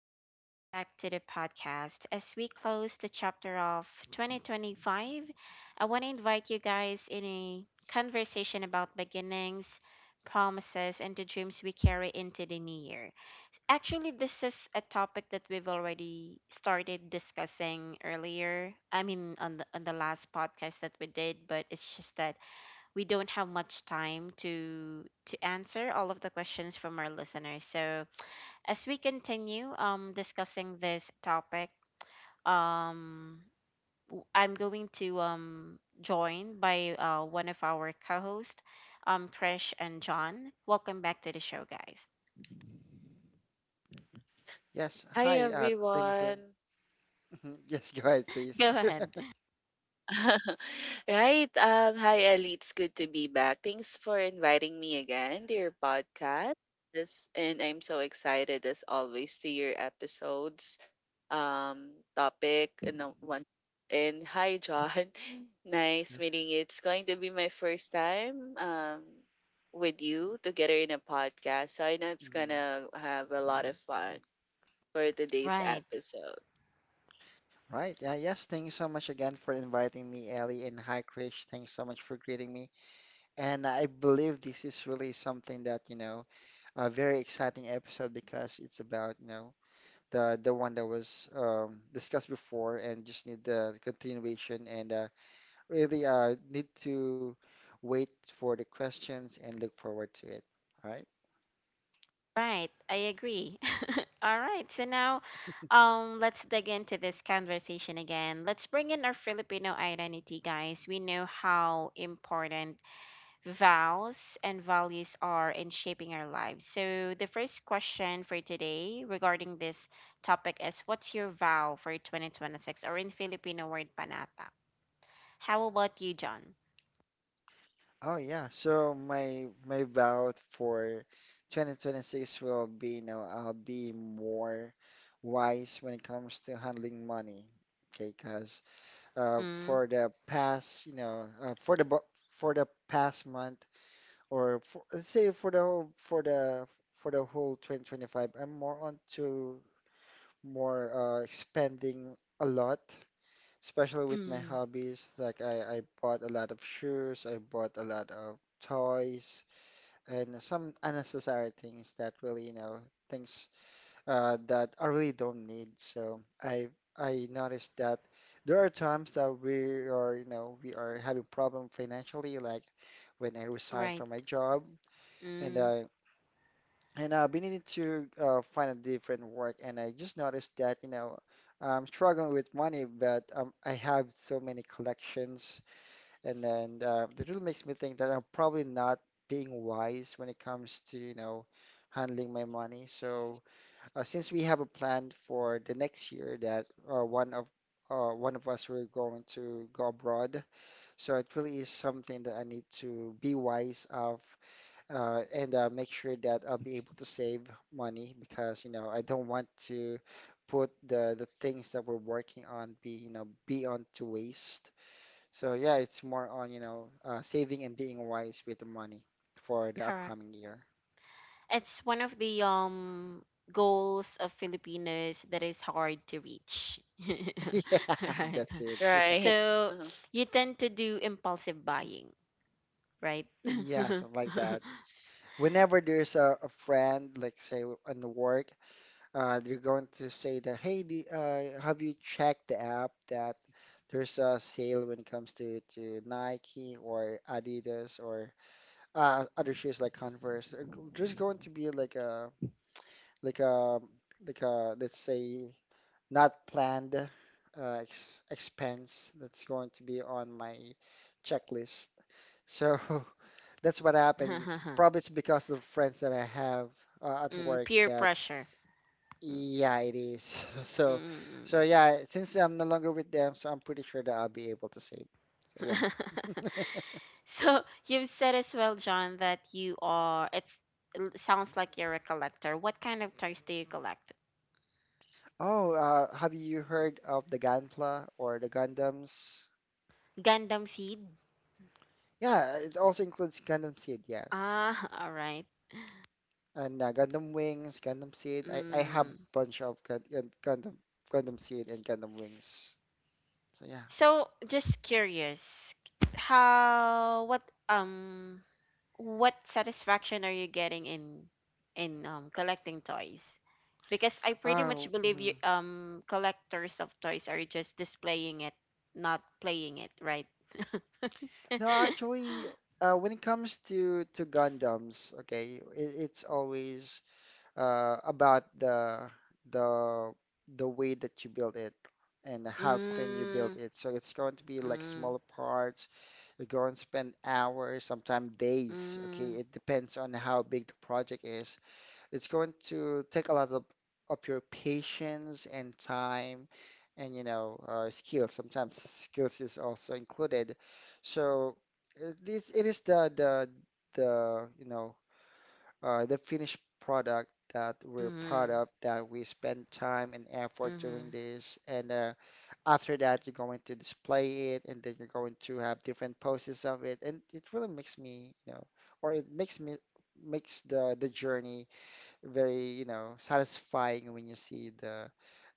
and welcome back to the podcast. As we close the chapter of 2025, I want to invite you guys in a conversation about beginnings, promises, and the dreams we carry into the new year. Actually, this is a topic that we've already started discussing earlier. I mean, on the last podcast that we did, but it's just that we don't have much time to answer all of the questions from our listeners. So, as we continue discussing this topic, um, I'm going to join by one of our co-hosts, Krish and John. Welcome back to the show, guys. Yes. Hi Hi. Thanks. So... everyone. Yes, go ahead, Go please. ahead. Right. Hi Ali, it's good to be back. Thanks for inviting me again to your podcast. This and I'm so excited as always to your episodes, topic and the one. And hi John. Nice Yes. meeting you. It's going to be my first time with you together in a podcast. So I know it's Mhm. gonna have a lot of fun for today's Right. episode. Right. Yeah, yes. Thank you so much again for inviting me, Ellie. And hi, Krish. Thanks so much for greeting me. And I believe this is really something that, a very exciting episode because it's about, the one that was discussed before and just need the continuation, and really need to wait for the questions and look forward to it. All right. Right, I agree. All right, so now let's dig into this conversation again. Let's bring in our Filipino identity, guys. We know how important vows and values are in shaping our lives. So, the first question for today regarding this topic is, what's your vow for 2026? Or in Filipino word, panata. How about you, John? Oh yeah, so my vow for 2026 will be, you know, I'll be more wise when it comes to handling money. Okay, 'cause Mm, for the past, for the past month, or for, let's say, for the whole 2025, I'm more on to more spending a lot, especially with my mm, hobbies. Like I bought a lot of shoes, I bought a lot of toys and some unnecessary things that really, you know, things that I really don't need. So I noticed that there are times that we are, you know, we are having problem financially, like when I resigned right. from my job, and Mm. I and I've been needing to find a different work, and I just noticed that, you know, I'm struggling with money, but I have so many collections, and then that really makes me think that I'm probably not being wise when it comes to, you know, handling my money. So since we have a plan for the next year that uh, one of one of us we're going to go abroad, so it really is something that I need to be wise of, and make sure that I'll be able to save money because, you know, I don't want to put the things that we're working on be, you know, be on to waste. So yeah, it's more on, saving and being wise with the money for the Correct. upcoming year. It's one of the goals of Filipinos that is hard to reach. Yeah, Right. that's it. Yeah. Right. So, you tend to do impulsive buying, right? Yeah, something like that. Whenever there's a friend, like say on the work, they're going to say that, hey, have you checked the app that there's a sale when it comes to Nike or Adidas or other shoes like Converse. There's going to be like a let's say, not planned ex expense that's going to be on my checklist. So that's what happened. It's probably it's because of the friends that I have at Mm, work peer that pressure. yeah, it is. So so Mm-mm. yeah, since I'm no longer with them, so I'm pretty sure that I'll be able to save. So yeah. So you've said as well, John, that you are. It's, it sounds like you're a collector. What kind of toys do you collect? Oh, have you heard of the Ganpla or the Gundams? Gundam seed. Yeah, it also includes Gundam Seed, yes. Ah, all right. And Gundam Wings, Gundam Seed. I have Mm. bunch of Gundam Seed and Gundam Wings. So yeah. So just curious, how um what satisfaction are you getting in collecting toys? Because I pretty much Oh, believe you mhm. Collectors of toys are just displaying it, not playing it, right? No, actually, when it comes to Gundams, okay, it's always about the the way that you build it and how clean you build Mm, it. So it's going to be like mm, smaller parts. You go and spend hours, sometimes days. mm, Okay, it depends on how big the project is. It's going to take a lot of your patience and time, and you know skills. Sometimes skills is also included. So it is the you know, the finished product that we're proud mm, of, that we spend time and effort doing mm. this, and after that you're going to display it, and then you're going to have different poses of it, and it really makes me, you know, or it makes me, makes the journey very, you know, satisfying when you see the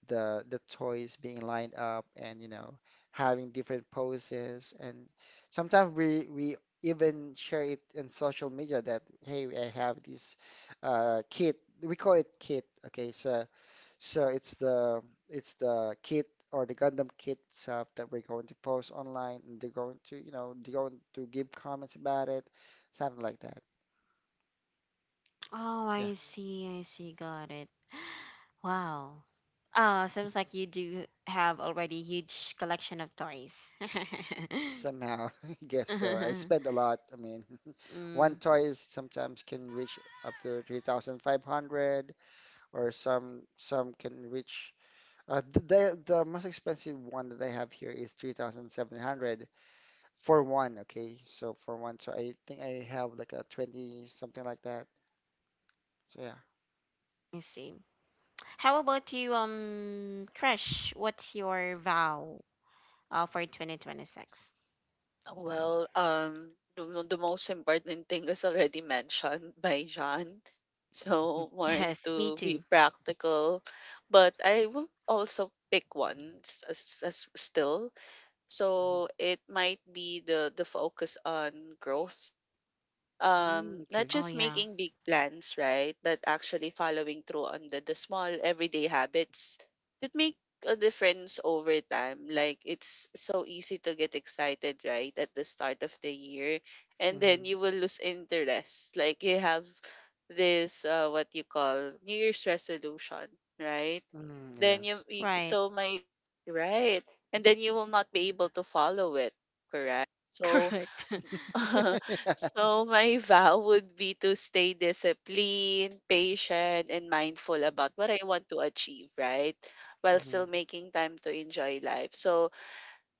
the the toys being lined up and, you know, having different poses. And sometimes we even share it in social media that, hey, I have this kit. We call it kit. Okay, so so it's the kit or the Gundam kit itself that we're going to post online, and they're going to, you know, they're going to give comments about it, something like that. Oh, Yeah. I see, got it. Wow. Oh, seems like you do have already huge collection of toys. Somehow, I guess so. I spend a lot. I mean, one Mm, toy is sometimes can reach up to 3,500, or some can reach the most expensive one that I have here is 3,700 for one, okay? So for one, so I think I have like a 20, something like that. So yeah. I see. How about you, Crush? What's your vow for 2026? Well, the most important thing is already mentioned by John. So more Yes, me into be too. practical, but I will also pick one as still. Mhm. So it might be the focus on growth, Mm, not okay. Oh, just yeah. making big plans, right, but actually following through on the small everyday habits that make a difference over time. Like it's so easy to get excited right at the start of the year, and then Mm-hmm. you will lose interest. Like you have this what you call new year's resolution, right? Mm, Then you yes. you- Right. so my right. And then you will not be able to follow it. Correct. So Correct. Yeah. so my vow would be to stay disciplined, patient, and mindful about what I want to achieve, right? While Mm-hmm. still making time to enjoy life. So,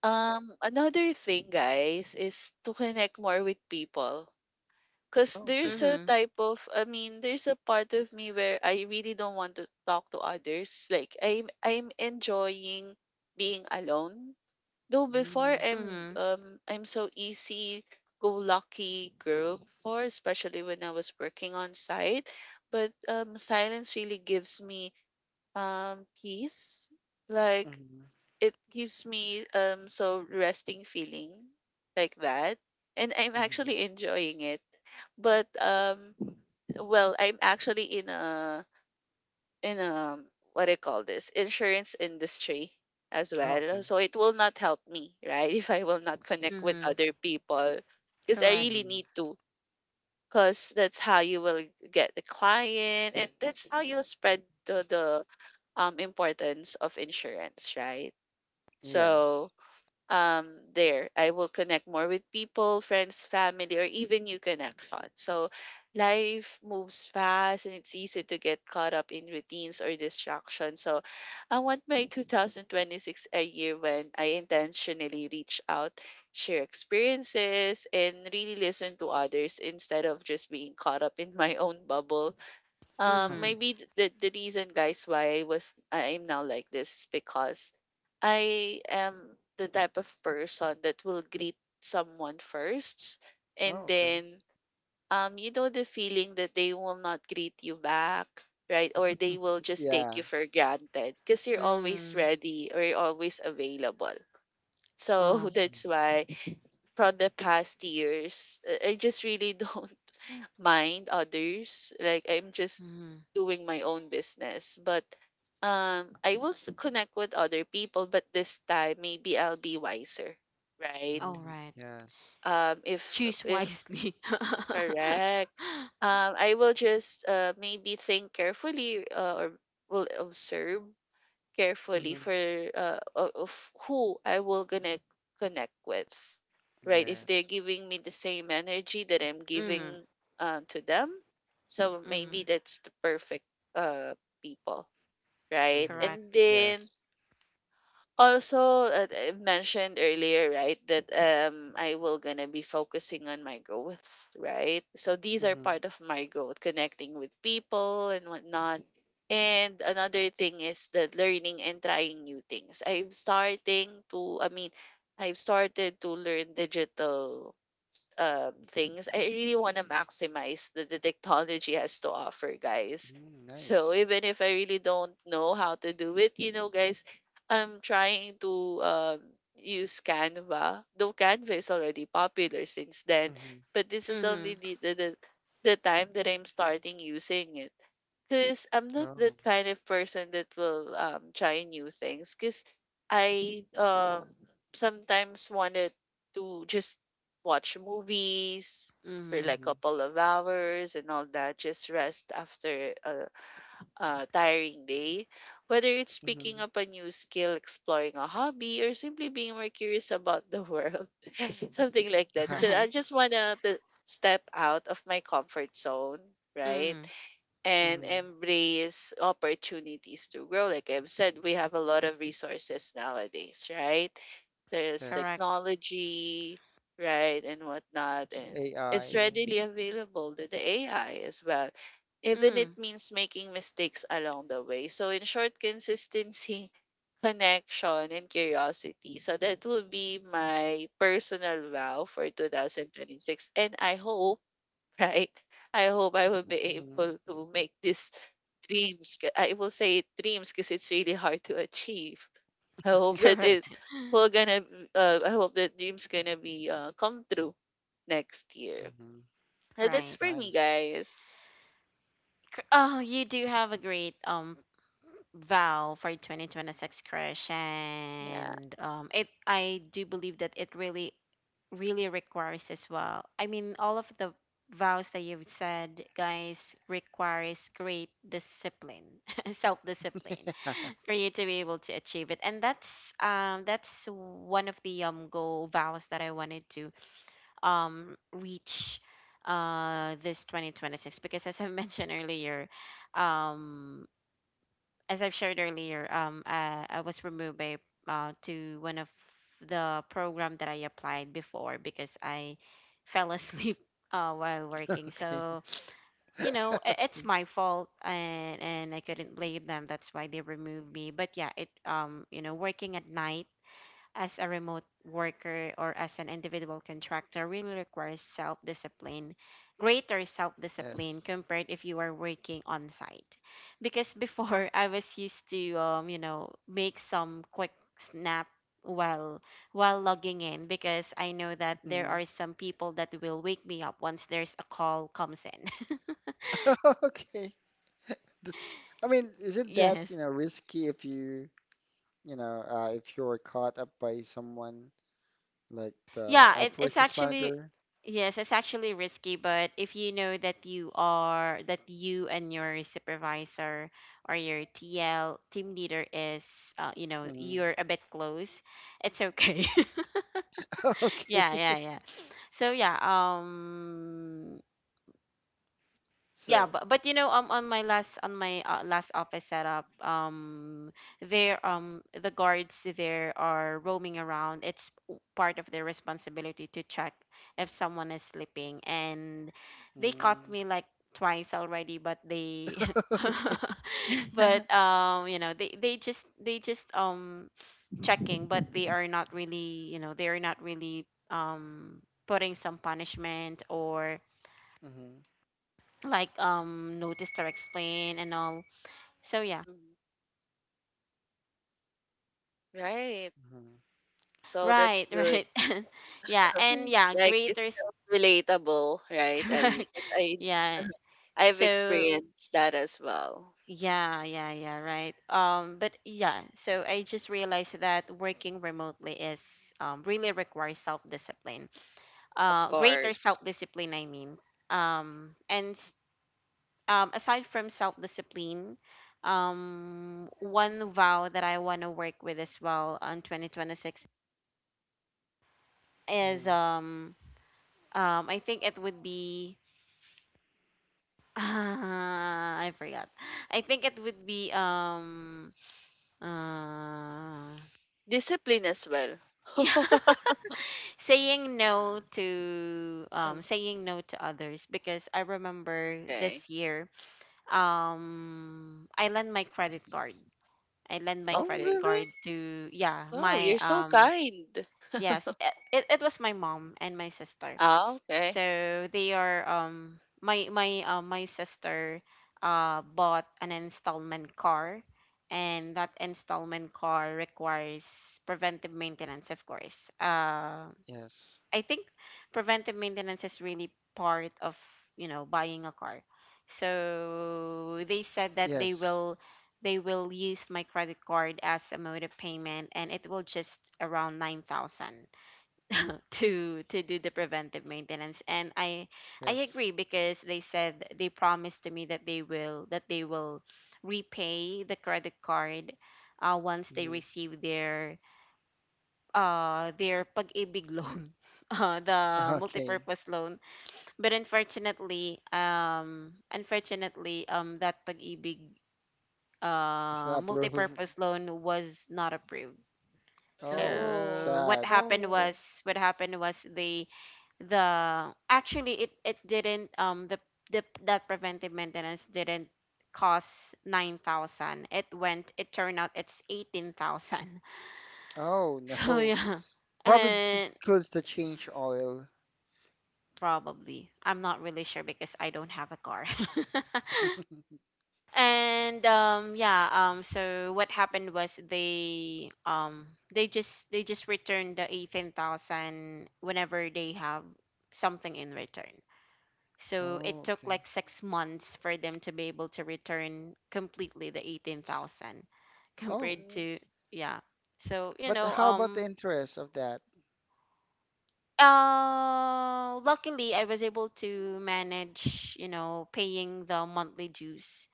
another thing, guys, is to connect more with people. Cause Okay. there's a Mm-hmm. type of I mean, there's a part of me where I really don't want to talk to others. Like I'm enjoying being alone. Though before Mm. I'm Mm-hmm. um I'm so easy go lucky girl before, especially when I was working on site. But silence really gives me peace. Like Mm-hmm. it gives me so resting feeling like that. And I'm actually Mm-hmm. enjoying it. But well, I'm actually in what do you call this, insurance industry as Oh, well. okay. So it will not help me, right? If I will not connect with Mm-hmm. other people, because I Correct. really Hmm. need to. Because that's how you will get the client, and that's how you'll spread the importance of insurance, right? So, Yes. um there I will connect more with people, friends, family, or even new connection. So life moves fast, and it's easy to get caught up in routines or distractions. So I want my 2026 a year when I intentionally reach out, share experiences, and really listen to others instead of just being caught up in my own bubble. Mm-hmm. Maybe the reason, guys, why I am now like this is because I am the type of person that will greet someone first, and Oh, okay. then, you know the feeling that they will not greet you back, right? Or they will just take Yeah. you for granted because you're always Mm. ready or you're always available. So Oh. that's why, from the past years, I just really don't mind others. Like I'm just Mm-hmm. doing my own business, but I will connect with other people. But this time, maybe I'll be wiser, right? All Mm-hmm. right. Yes. If Choose if wisely. correct, I will just maybe think carefully, or will observe carefully Mm-hmm. for of who I will gonna connect with, right? If they're Yes. giving me the same energy that I'm Mm-hmm. giving, to them, so Mm-hmm. maybe that's the perfect uh people, right? Mm-hmm. And Correct. then Yes. also, I mentioned earlier, right, that I will gonna be focusing on my growth, right? So these are Mm-hmm. part of my growth, connecting with people and whatnot. And another thing is that learning and trying new things. I mean, I've started to learn digital things. I really want to maximize that the technology has to offer, guys. Mm, So nice. even if I really don't know how to do it, you know, guys, I'm trying to use Canva. Though Canva is already popular since then, Mm-hmm. but this is Mm-hmm. only the time that I'm starting using it. Because I'm not Oh. that kind of person that will try new things. Because I sometimes wanted to just watch movies for Mm-hmm. like a Mm-hmm. couple of hours and all that, just rest after a tiring day. Whether it's Mm-hmm. picking up a new skill, exploring a hobby, or simply being more curious about the world, something like that. Uh-huh. I Right. just wanna to step out of my comfort zone, right? Mm-hmm. And Mm-hmm. embrace opportunities to grow. Like I've said, we have a lot of resources nowadays, right? There's Yes. Correct. technology, right, and whatnot, So and it's AI. readily available to the AI as well. Even Mm. it means making mistakes along the way. So, in short, consistency, connection, and curiosity. So, that will be my personal vow for 2026. And I hope, right? I hope I will be Mm-hmm. able to make these I will say it dreams because it's really hard to achieve. I hope that Yeah. it Correct. I hope that dreams gonna be come true next year. Mm-hmm. It's That's Right. for me, nice. guys. Oh, you do have a great vow for 2026, crush, Yeah. and it, I do believe that it really really requires as well, I mean, all of the vows that you've said, guys, requires great discipline, self-discipline for you to be able to achieve it. And that's one of the goal vows that I wanted to reach this 2026 because as I mentioned earlier, um as I've shared earlier, I was removed by, to one of the program that I applied before because I fell asleep while working. Okay. So you know, I it's Okay. my fault, and I couldn't blame them. That's why they removed me. But yeah, it you know, working at night as a remote worker or as an individual contractor really requires self discipline, greater self discipline Yes. compared if you are working on site. Because before I was used to you know, make some quick snap while logging in because I know that there Mm-hmm. are some people that will wake me up once there's a call comes in. Okay. That's, I mean, isn't that, Yes. you know, risky if you know, if you're caught up by someone like the Yeah, it's operations actually manager. yes, it's actually risky, but if you know that you are that you and your supervisor or your TL team leader is you know, Mm. you're a bit close, it's okay. Okay. Yeah, yeah, yeah. So yeah, um, yeah. So, But but you know, on my last, on my last office setup, there, the guards there are roaming around. It's part of their responsibility to check if someone is sleeping, and they caught mm. me like twice already, but they Okay. but you know, they just checking, but they are not really, you know, they are not really putting some punishment or Hmm. like noticed or explain and all. So yeah, Mhm. Right. Hmm. So right, that's good. right, yeah, and yeah, Like it's greaters, so relatable, right, correct, Ali? 'Cause yeah. I've So experienced that as well. yeah, yeah, yeah, right. But yeah, so I just realized that working remotely is really requires self discipline. Of Greater course. self discipline, I mean. And aside from self discipline. One vow that I want to work with as well on 2026 is Hmm. I think it would be I forgot. I think it would be uh Discipline as s- well. yeah, Mm. Saying no to others because I remember Okay. this year I lent my credit card. I lent my Oh, credit Okay. really? card to yeah, Wow, my you're so kind. yes, it was my mom and my sister. Ah, okay. So they are my sister bought an installment car, and that installment car requires preventive maintenance, of course. Uh, Yes. I think preventive maintenance is really part of, you know, buying a car. So they said that they Yes. will, use my credit card as a mode of payment, and it will just around 9,000 to do the preventive maintenance. And I Yes. agree because they said, they promised to me that they will repay the credit card once they Hmm. receive their pag-ibig loan, the Okay. multipurpose loan. But unfortunately, unfortunately, that pag-ibig It's not approved. multipurpose loan was not approved. Oh, that's Oh. So what sad. happened Oh. was, what happened was they the, actually it didn't the, that preventive maintenance didn't cost 9,000, it went it turned out it's 18,000. Oh, So no. yeah, Probably it and includes the change oil. probably I'm not really sure because I don't have a car. And yeah, so what happened was they they just returned the 18,000 whenever they have something in return. So it Oh, took okay. like 6 months for them to be able to return completely the 18,000. Oh, Compared to, Mhm. yeah. So, you but know, how about the interest of that? Luckily I was able to manage, you know, paying the monthly dues,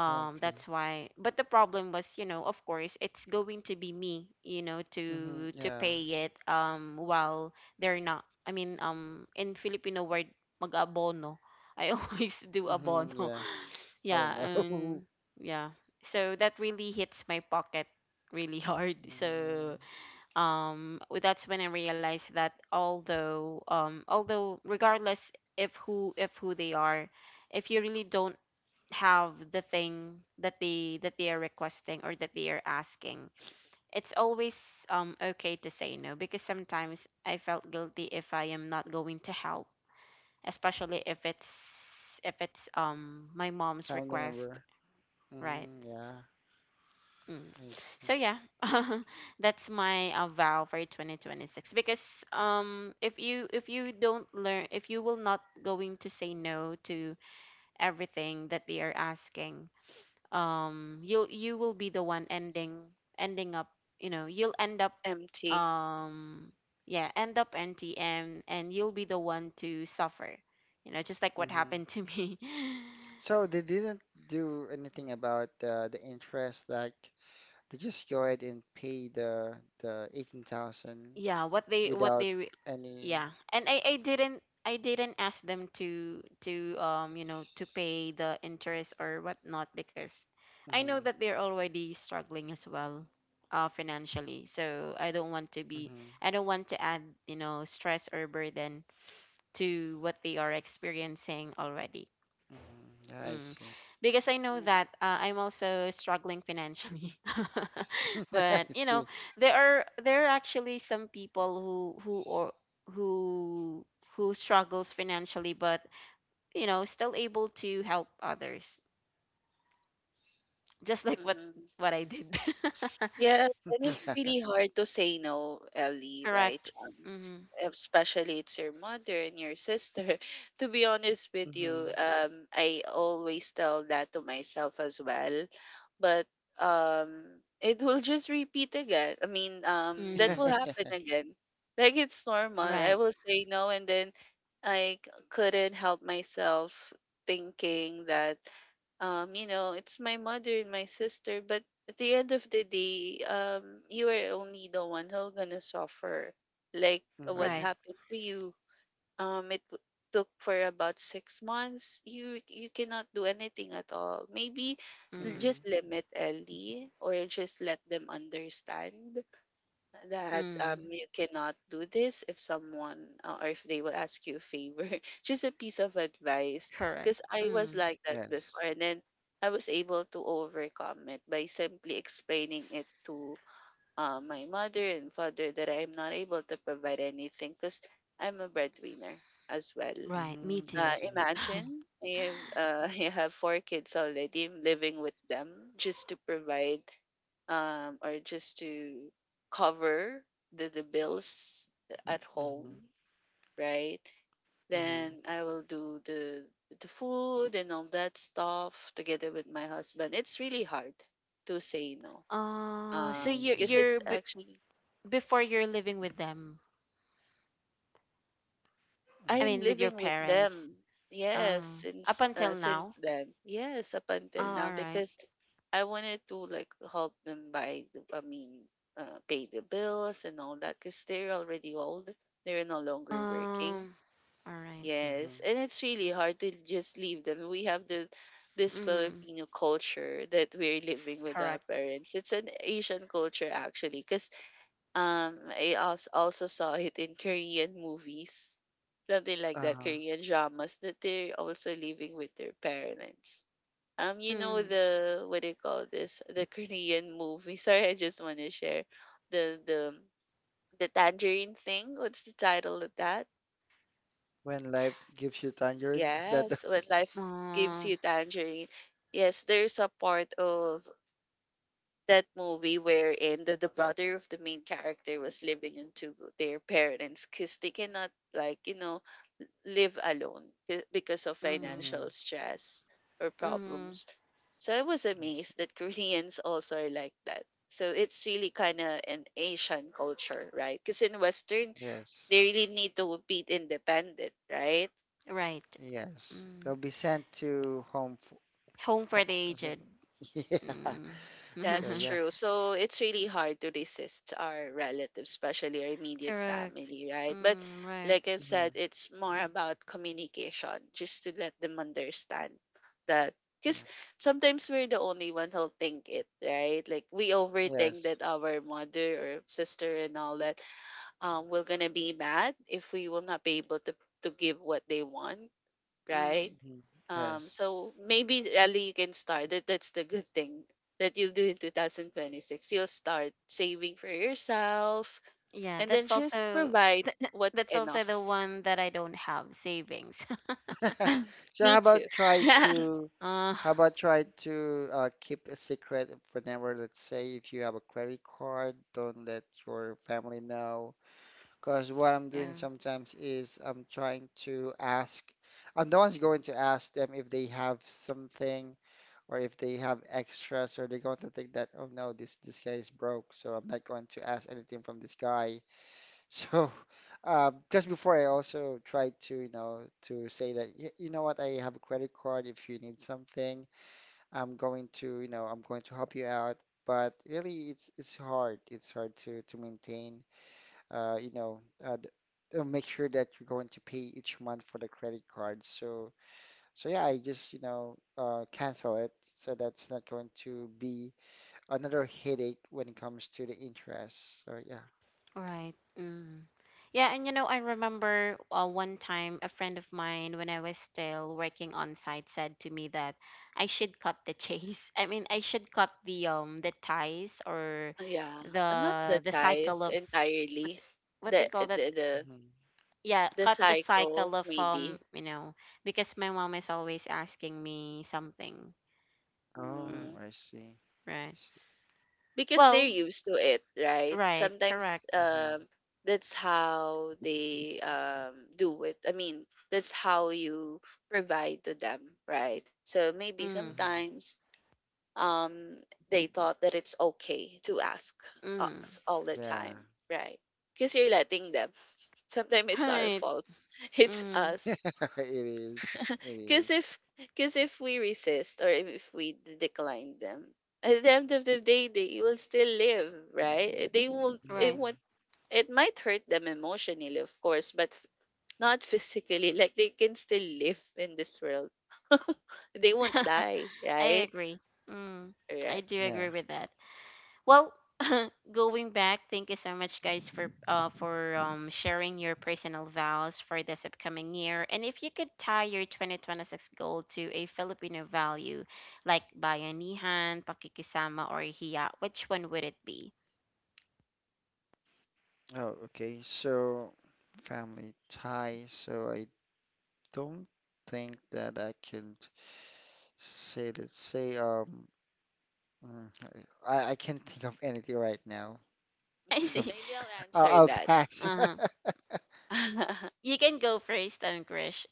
Okay. that's why. But the problem was, you know, of course, it's going to be me, you know, Mm-hmm. to Yeah. pay it, while they're not, I mean, in Filipino word, mag-abono. I always do Hmm, abono. yeah. Oh Yeah, no. and yeah, so that really hits my pocket really hard. Mm, So that's when I realized that although, although regardless if who they are, if you really don't have the thing that they are requesting or that they are asking, it's always okay to say no. Because sometimes I felt guilty if I am not going to help, especially if it's my mom's family request, member. right. Hmm, yeah, Mm. I So see. yeah, that's my vow for 2026. Because if you, if you don't learn, if you will not going to say no to everything that they are asking, you'll, you will be the one ending, ending up, you know, you'll end up Empty. um yeah, end up empty, and you'll be the one to suffer, you know, just like what Hmm. happened to me. So they didn't do anything about the interest. Like they just go ahead and pay the 18,000 Yeah, what without they any. yeah. And I didn't, I didn't ask them to you know, to pay the interest or whatnot. Because I know Hmm. that they're already struggling as well financially, so I don't want to be, Hmm. I don't want to add, you know, stress or burden to what they are experiencing already. Hmm. Yeah, I Mm. see. Because I know that I'm also struggling financially. I But you know, see. there are, there are actually some people who or who, who struggles financially but, you know, still able to help others. Just like Mm-hmm. what I did. Yes, and Yeah. it's really hard to say no, Ellie, right? Correct. Mm. Especially it's your mother and your sister. To be honest with Hmm. you, I always tell that to myself as well, but um, it will just repeat again. I mean, that Mm. will happen Yeah. again. Like it's normal. I Right. will say no, and then couldn't help myself thinking that, it's my mother and my sister, but at the end of the day, you are only the one who's gonna suffer. Like what Hmm. Right. happened to you. It took for about 6 months. You cannot do anything at all. Maybe Mm. just Hmm. limit, Ellie, or just let them understand that Mm. you cannot do this if someone, or if they will ask you a favor. Just a piece of advice, Correct. because I was Mm. like that before, Yes. and then I was able to overcome it by simply explaining it to, my mother and father, that I'm not able to provide anything because I'm a breadwinner as well. Right. Me Hmm. I uh, too. see. Imagine if, you have four kids already. I'm living with them just to provide, or just to cover the bills at home, Hmm. right? Hmm. Then I will do the food and all that stuff together with my husband. It's really hard to say no. So Hmm. Because Yeah. it's you're b actually before you're living with them. I Hmm. I'm mean, with your living with parents. them. Yes, Uh, up since until uh, now. since then. Yes, up Oh, until all now right. because I wanted to like help them I mean, pay the bills and all that because they're already old. They're no longer working. Um, all right. Yes, Hmm. and it's really hard to just leave them. We have the this Mm-hmm. Filipino culture that we're living with our Correct. parents. It's an Asian culture actually because, I also saw it in Korean movies, something like that, Uh, Korean dramas that they're also living with their parents. You know Mm. the, what do you call this? The Korean movie. Sorry, I just want to share the the the tangerine thing. What's the title of that? when life gives you tangerine, is that the? Yes, when life gives Uh, you tangerine. Yes, there's a part of that movie wherein the brother of the main character was living into their parents because they cannot, like, you know, live alone, because of mm-hmm. Hmm. financial stress or Mm-hmm. problems. So I was Yes, amazed that Koreans also are like that. So it's really kind of an Asian culture, right? Because in western, yes, they really need to be independent, right? Right. yes. Mm. They'll be sent to home for, Home for for the is it? aged. Yeah. Mm. So That's yeah. true. So it's really hard to resist our relatives, especially our immediate Correct. family, right? But Mm, right. like I've said, Hmm. it's more about communication, just to let them understand that. Because Yeah. sometimes we're the only one who'll think it, right? Like we overthink Yes. that our mother or sister and all that will gonna be mad if we will not be able to give what they want, right? Mm. Hmm. Yes. So maybe really you can start. That's the good thing that you'll do in 2026. You'll start saving for yourself Yeah, and then that's just also provide what's that's also the enough. one, that I don't have savings. So Me too. Yeah. Uh, how about try to keep a secret whenever, let's say, if you have a credit card, don't let your family know. Because what I'm doing yeah. sometimes is I'm trying to ask, I'm the one's going to ask them if they have something or if they have extras, or they're going to think that, oh no, this guy is broke, so I'm not going to ask anything from this guy. So just before I also tried to, you know, to say that, "Y- you know what, I have a credit card. If you need something, I'm going to, you know, I'm going to help you out. But really, it's hard. It's hard to maintain, uh, you know, uh, th- make sure that you're going to pay each month for the credit card. So, so yeah, I just, you know, cancel it, so that's not going to be another headache when it comes to the interest. So yeah. Right. Mm. Yeah, and you know, I remember one time a friend of mine, when I was still working on site, said to me that I should cut the chase. I mean, I should cut the ties or Yeah. Not the the cycle ties of, what entirely. what they The call that. the the, Hmm. Yeah, the cut the cycle cycle of maybe. you know, because my mom is always asking me something. Oh, Mm. Mm, I see. I right. see. Because they're Well, used to it, right? right. Sometimes, Correct. Hmm. that's how they do it. I mean, that's how you provide to them, right? So maybe Mm, Hmm. sometimes, um they thought that it's okay to ask mm. us all the Yeah. time, right? Because you're letting them. Sometimes it's our Right. fault. It's Mm, us It is. It because is. if because if we resist, or if we decline them, at the end of the day, they will still live, right? Eh, they will. It right. Mhm. won't. It might hurt them emotionally, of course, but not physically. Like they can still live in this world. they won't die, I right? agree. Mm, I Correct. do Yeah. agree with that. Well, going back, thank you so much, guys, for sharing your personal vows for this upcoming year. And if you could tie your 2026 goal to a Filipino value, like bayanihan, pakikisama, or hiya, which one would it be? Oh, okay. So family tie. So I don't think that I can say, let's say, mm, I can't think of anything right now, I so see. Maybe I'll answer I'll that. Uh pass. huh. You can go first, Krish.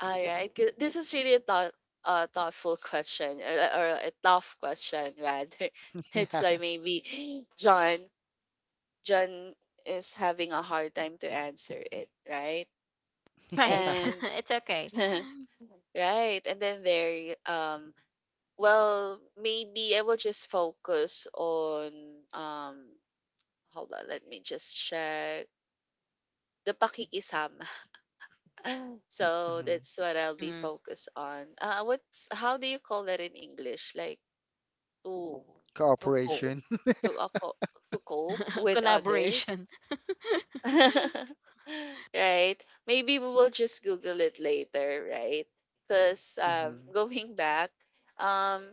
All right. 'cause This is really a thoughtful question or a tough question rather. Yeah, It's like maybe John. John is having a hard time to answer it, right? Right. yeah. And It's okay. right, and then there well, maybe I will just focus on um hold on, let me just check the pakikisama. so Hmm. that's what I'll be Mm. focused on. What's how do you call that in English? Like to to cope Cooperation. to uh, co- to cope with others, Collaboration. right? Maybe we will just Google it later, right? Because Hmm. going back, um,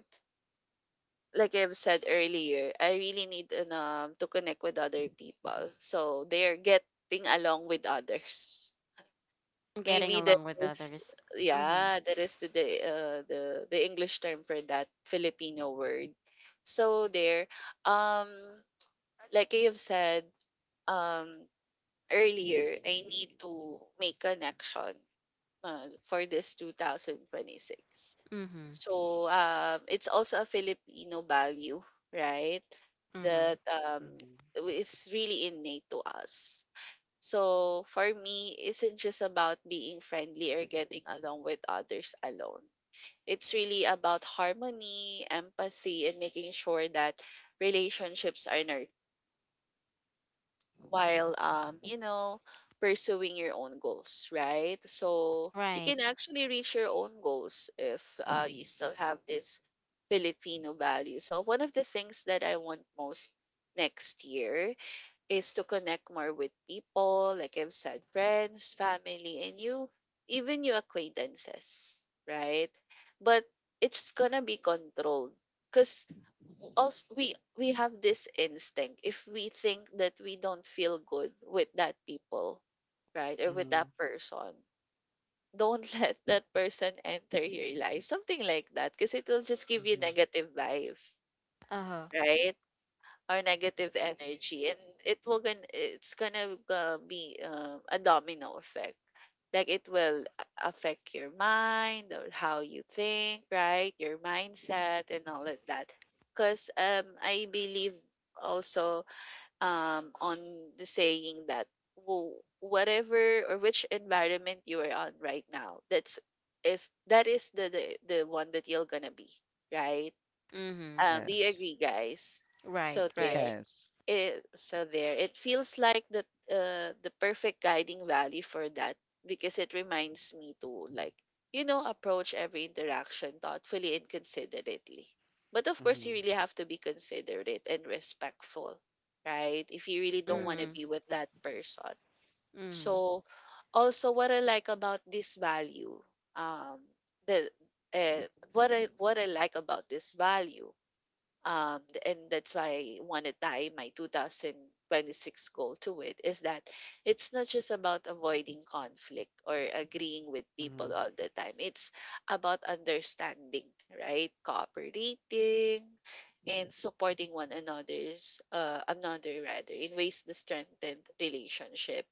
like I've said earlier, I really need to connect with other people. So they are getting along with others. Getting Maybe that along with is, others. Mm-hmm. yeah, that is the English term for that Filipino word. So there, um, like I have said, um, earlier, I need to make connection for this 2026. Mm-hmm. So it's also a Filipino value, right? Mm-hmm. That Hmm. Is really innate to us. So for me, isn't just about being friendly or getting along with others alone. It's really about harmony, empathy, and making sure that relationships are nurtured while pursuing your own goals, right? So you can Right. actually reach your own goals if you still have this Filipino value. So one of the things that I want most next year is to connect more with people, like I've said, friends, family, and you, even your acquaintances, right? But it's gonna be controlled because also we have this instinct if we think that we don't feel good with that people, right? Or with that Hmm. person, don't let that person enter your life, something like that, because it will just give you Hmm. negative vibe, Uh-huh. right? Or negative energy, and it will going to it's gonna be a domino effect. Like it will affect your mind or how you think, right? Your mindset and all of that, because I believe also on the saying that whatever or which environment you are on right now, that is the one that you're gonna be, right? Mm-hmm. Do you Yes, agree, guys? so Right, there right. yes. So there, it feels like the perfect guiding value for that, because it reminds me to, like, you know, approach every interaction thoughtfully and considerately. But of course you Hmm. really have to be considerate and respectful, right, if you really don't want to Mm-hmm. Yes. be with that person. Mm-hmm. So also what I like about this value um the uh, what I what I like about this value, and that's why I want to tie my 2026 goal to it is that it's not just about avoiding conflict or agreeing with people all Hmm. the time. It's about understanding, right? Cooperating and supporting one another rather in ways to strengthen relationship.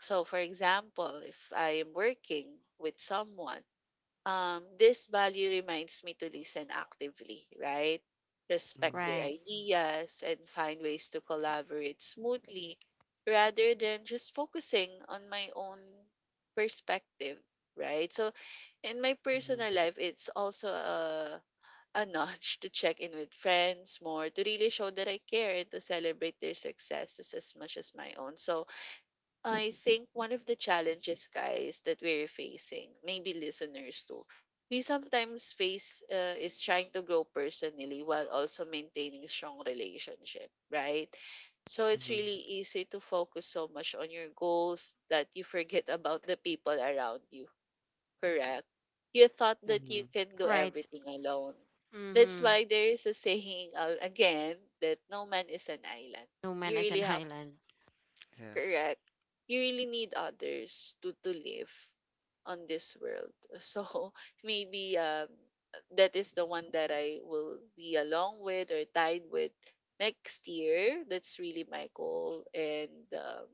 So, for example, if I am working with someone, this value reminds me to listen actively, right? Respect Hmm. their Right. ideas and find ways to collaborate smoothly rather than just focusing on my own perspective, right? So, in my personal life, it's also a nudge to check in with friends more, to really show that I care and to celebrate their successes as much as my own. So, I think one of the challenges, guys, that we're facing, maybe listeners too, we sometimes face is trying to grow personally while also maintaining strong relationship, right? So it's Hmm. really easy to focus so much on your goals that you forget about the people around you, correct? You thought Hmm. that you Hmm. can do Right. everything alone. That's Mm-hmm. why there is a saying, again, that no man is an island. Numan You is an really have island. Yes. Correct. You really need others to live on this world. So maybe that is the one that I will be along with or tied with next year. That's really my goal, and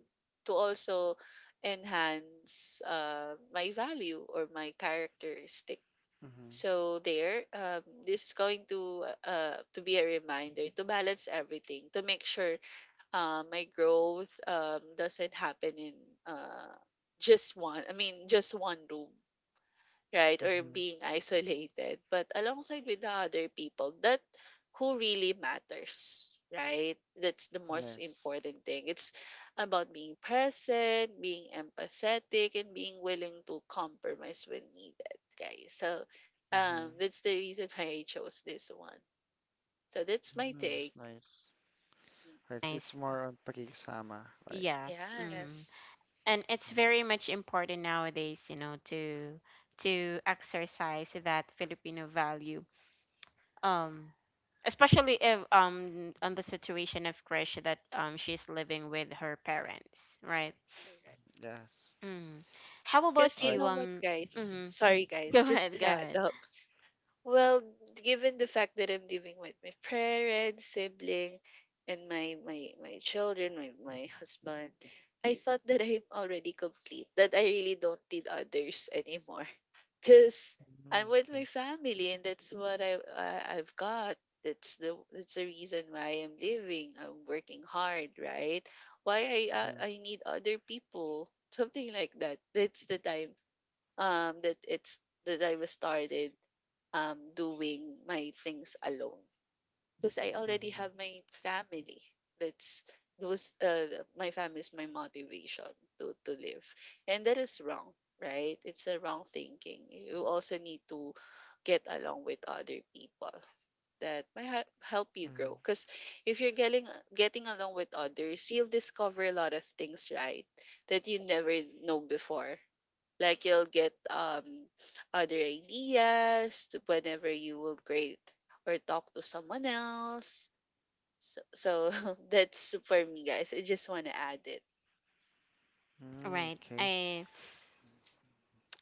to also enhance my value or my characteristic. Hmm. So there, this is going to be a reminder to balance everything, to make sure my growth doesn't happen in uh, just one room, right? Or Hmm. being isolated, but alongside with the other people that who really matters, right? That's the most Yes. important thing. It's about being present, being empathetic, and being willing to compromise when needed, guys. So Hmm. that's the reason why I chose this one. So that's my Hmm. That's take. nice. Mm, Right, it's Nice. more on pakikisama, right? Yes. Mm-hmm. yes, And it's Mm. very much important nowadays, to exercise that Filipino value. Um, Especially if on the situation of Krish that she's living with her parents, right? correct. Yes. Mm. How Because about All you right. you? know what, guys? Mm-hmm. Sorry, Go guys. Just ahead. to Go add ahead. up. Well, given the fact that I'm living with my parents, sibling, and my children, my husband, I thought that I'm already complete. That I really don't need others anymore. Because I'm Mhm, with my okay. family, and that's what I I've got. That's the reason why I'm living. I'm working hard, right? Why Mhm, I need other people. Something like that. That's the time um that it's that I was started doing my things alone because I already mhm, have my family. That's those My family is my motivation to live, and that is wrong, right? It's a wrong thinking. You also need to get along with other people that might help you grow. mhm, Because if you're getting along with others, you'll discover a lot of things, right? That you never know before. Like you'll get other ideas whenever you will create or talk to someone else. So, so that's for me, guys. I just want to add it. mhm, Right. Okay. I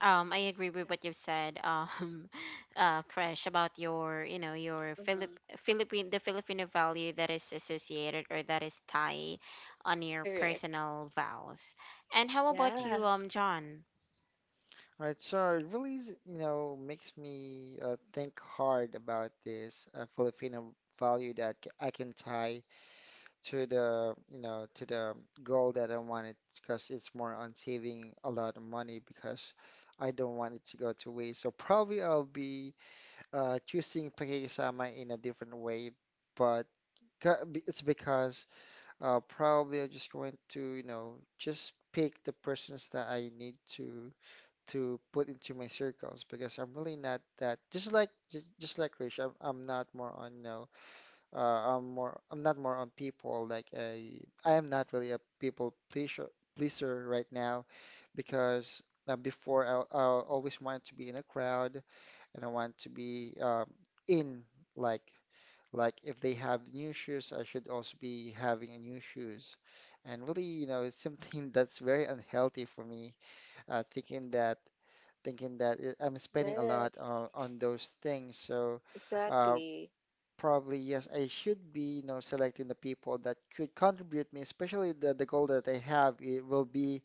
Um, I agree with what you've said, Crash, about your Mm-hmm. Philippine, the Filipino value that is associated or that is tied on your Correct. personal vows. And how about Mm. Yeah. you, John? All right. So it really is, you know, makes me think hard about this Filipino value that I can tie to the, you know, to the goal that I wanted, because it's more on saving a lot of money because I don't want it to go to waste. So probably I'll be choosing pakikisama in a different way, but it's because, probably I'm just going to, you know, just pick the persons that I need to put into my circles, because I'm really not that, just like Rich, I'm not more on, you know, I'm not more on people, like I am not really a people pleaser pleaser right now, because before, I always wanted to be in a crowd, and I want to be in like like if they have new shoes, I should also be having a new shoes. And really, you know, it's something that's very unhealthy for me, uh, thinking that thinking that it, I'm spending a lot Yes. On those things. So uh, Exactly. probably yes, I should be, you know, selecting the people that could contribute me, especially the goal that I have. It will be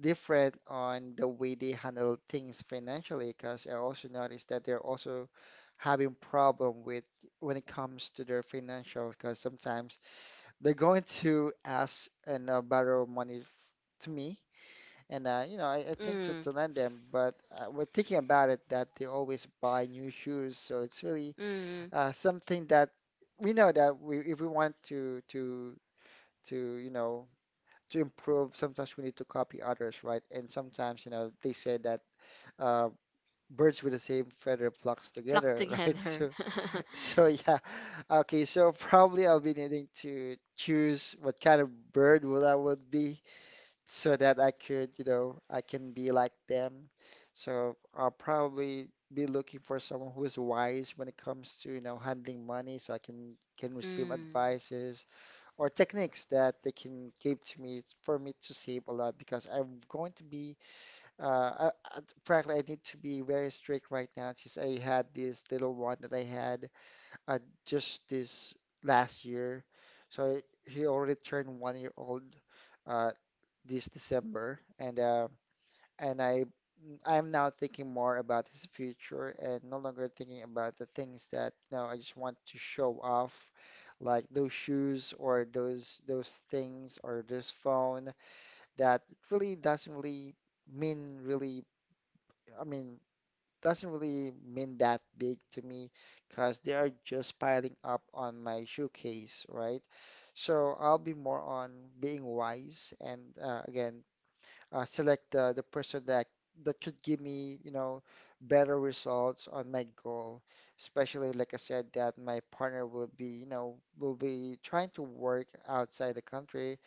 different on the way they handle things financially because I also noticed that they're also having problem with when it comes to their financial because sometimes they're going to ask and borrow money to me and you know I tend to, Mm, to lend them but we're thinking about it that they always buy new shoes so it's really mm, something that we know that we if we want to you know to improve, sometimes we need to copy others, right? And sometimes, you know, they say that uh, birds with the same feather flocks flock together, right? together. So, so yeah. Okay, so probably I'll be needing to choose what kind of bird will I would be so that I could, you know, I can be like them. So I'll probably be looking for someone who is wise when it comes to, you know, handling money so I can receive mm, advices or techniques that they can give to me for me to save a lot because I'm going to be uh, I, I, frankly I need to be very strict right now since I had this little one that I had uh, just this last year. So he already turned 1 year old uh, this December and I am now thinking more about his future and no longer thinking about the things that you know I just want to show off, like those shoes or those things or this phone that really doesn't really mean really I mean doesn't really mean that big to me because they are just piling up on my shoe case, right? So I'll be more on being wise and again select the person that that could give me, you know, better results on my goal. Especially, like I said, that my partner will be, you know, will be trying to work outside the country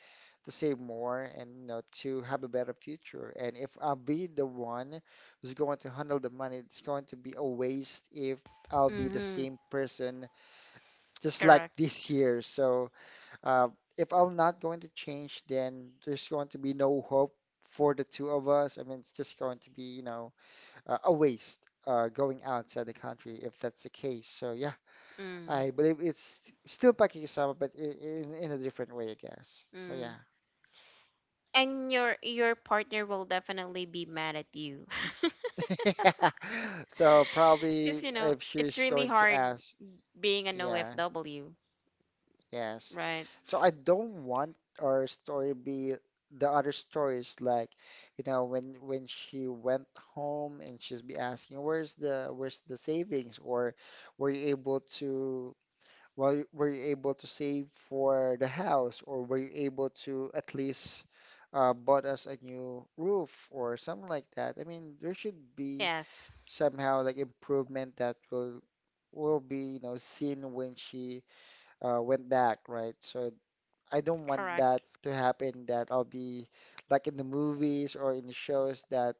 to save more and, you know, to have a better future. And if I'll be the one who's going to handle the money, it's going to be a waste if I'll be the mm-hmm, same person just like correct. this year. So uh, if I'm not going to change, then there's going to be no hope for the two of us. I mean, it's just going to be, you know, a waste going outside the country if that's the case. So yeah, Mm, I believe it's still Pakistan, but in in a different way, I guess. So yeah. mm. And your partner will definitely be mad at you, So because probably if it's she's really going to hard ask, being a no yeah. FW, Yes. right? So I don't want our story be the other stories like, you know, when she went home and she's be asking, where's the savings? Or were you able to well, were you able to save for the house? Or were you able to at least bought us a new roof or something like that? I mean, there should be Yes, somehow like improvement that will be, you know, seen when she went back, right? So I don't want that correct. to happen that I'll be like in the movies or in the shows that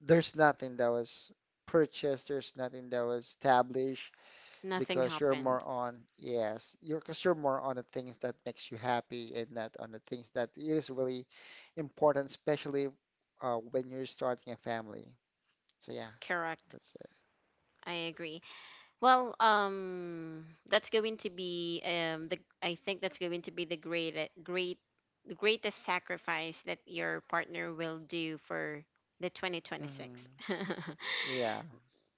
there's nothing that was purchased, there's nothing that was established Nothing because you're more happened. on, yes, you're because you're more on the things that makes you happy and not on the things that is really important, especially when you're starting a family. So yeah, Correct. that's it. I agree. Well, that's going to be the I think that's going to be the greatest sacrifice that your partner will do for the 2026. Hmm. Yeah.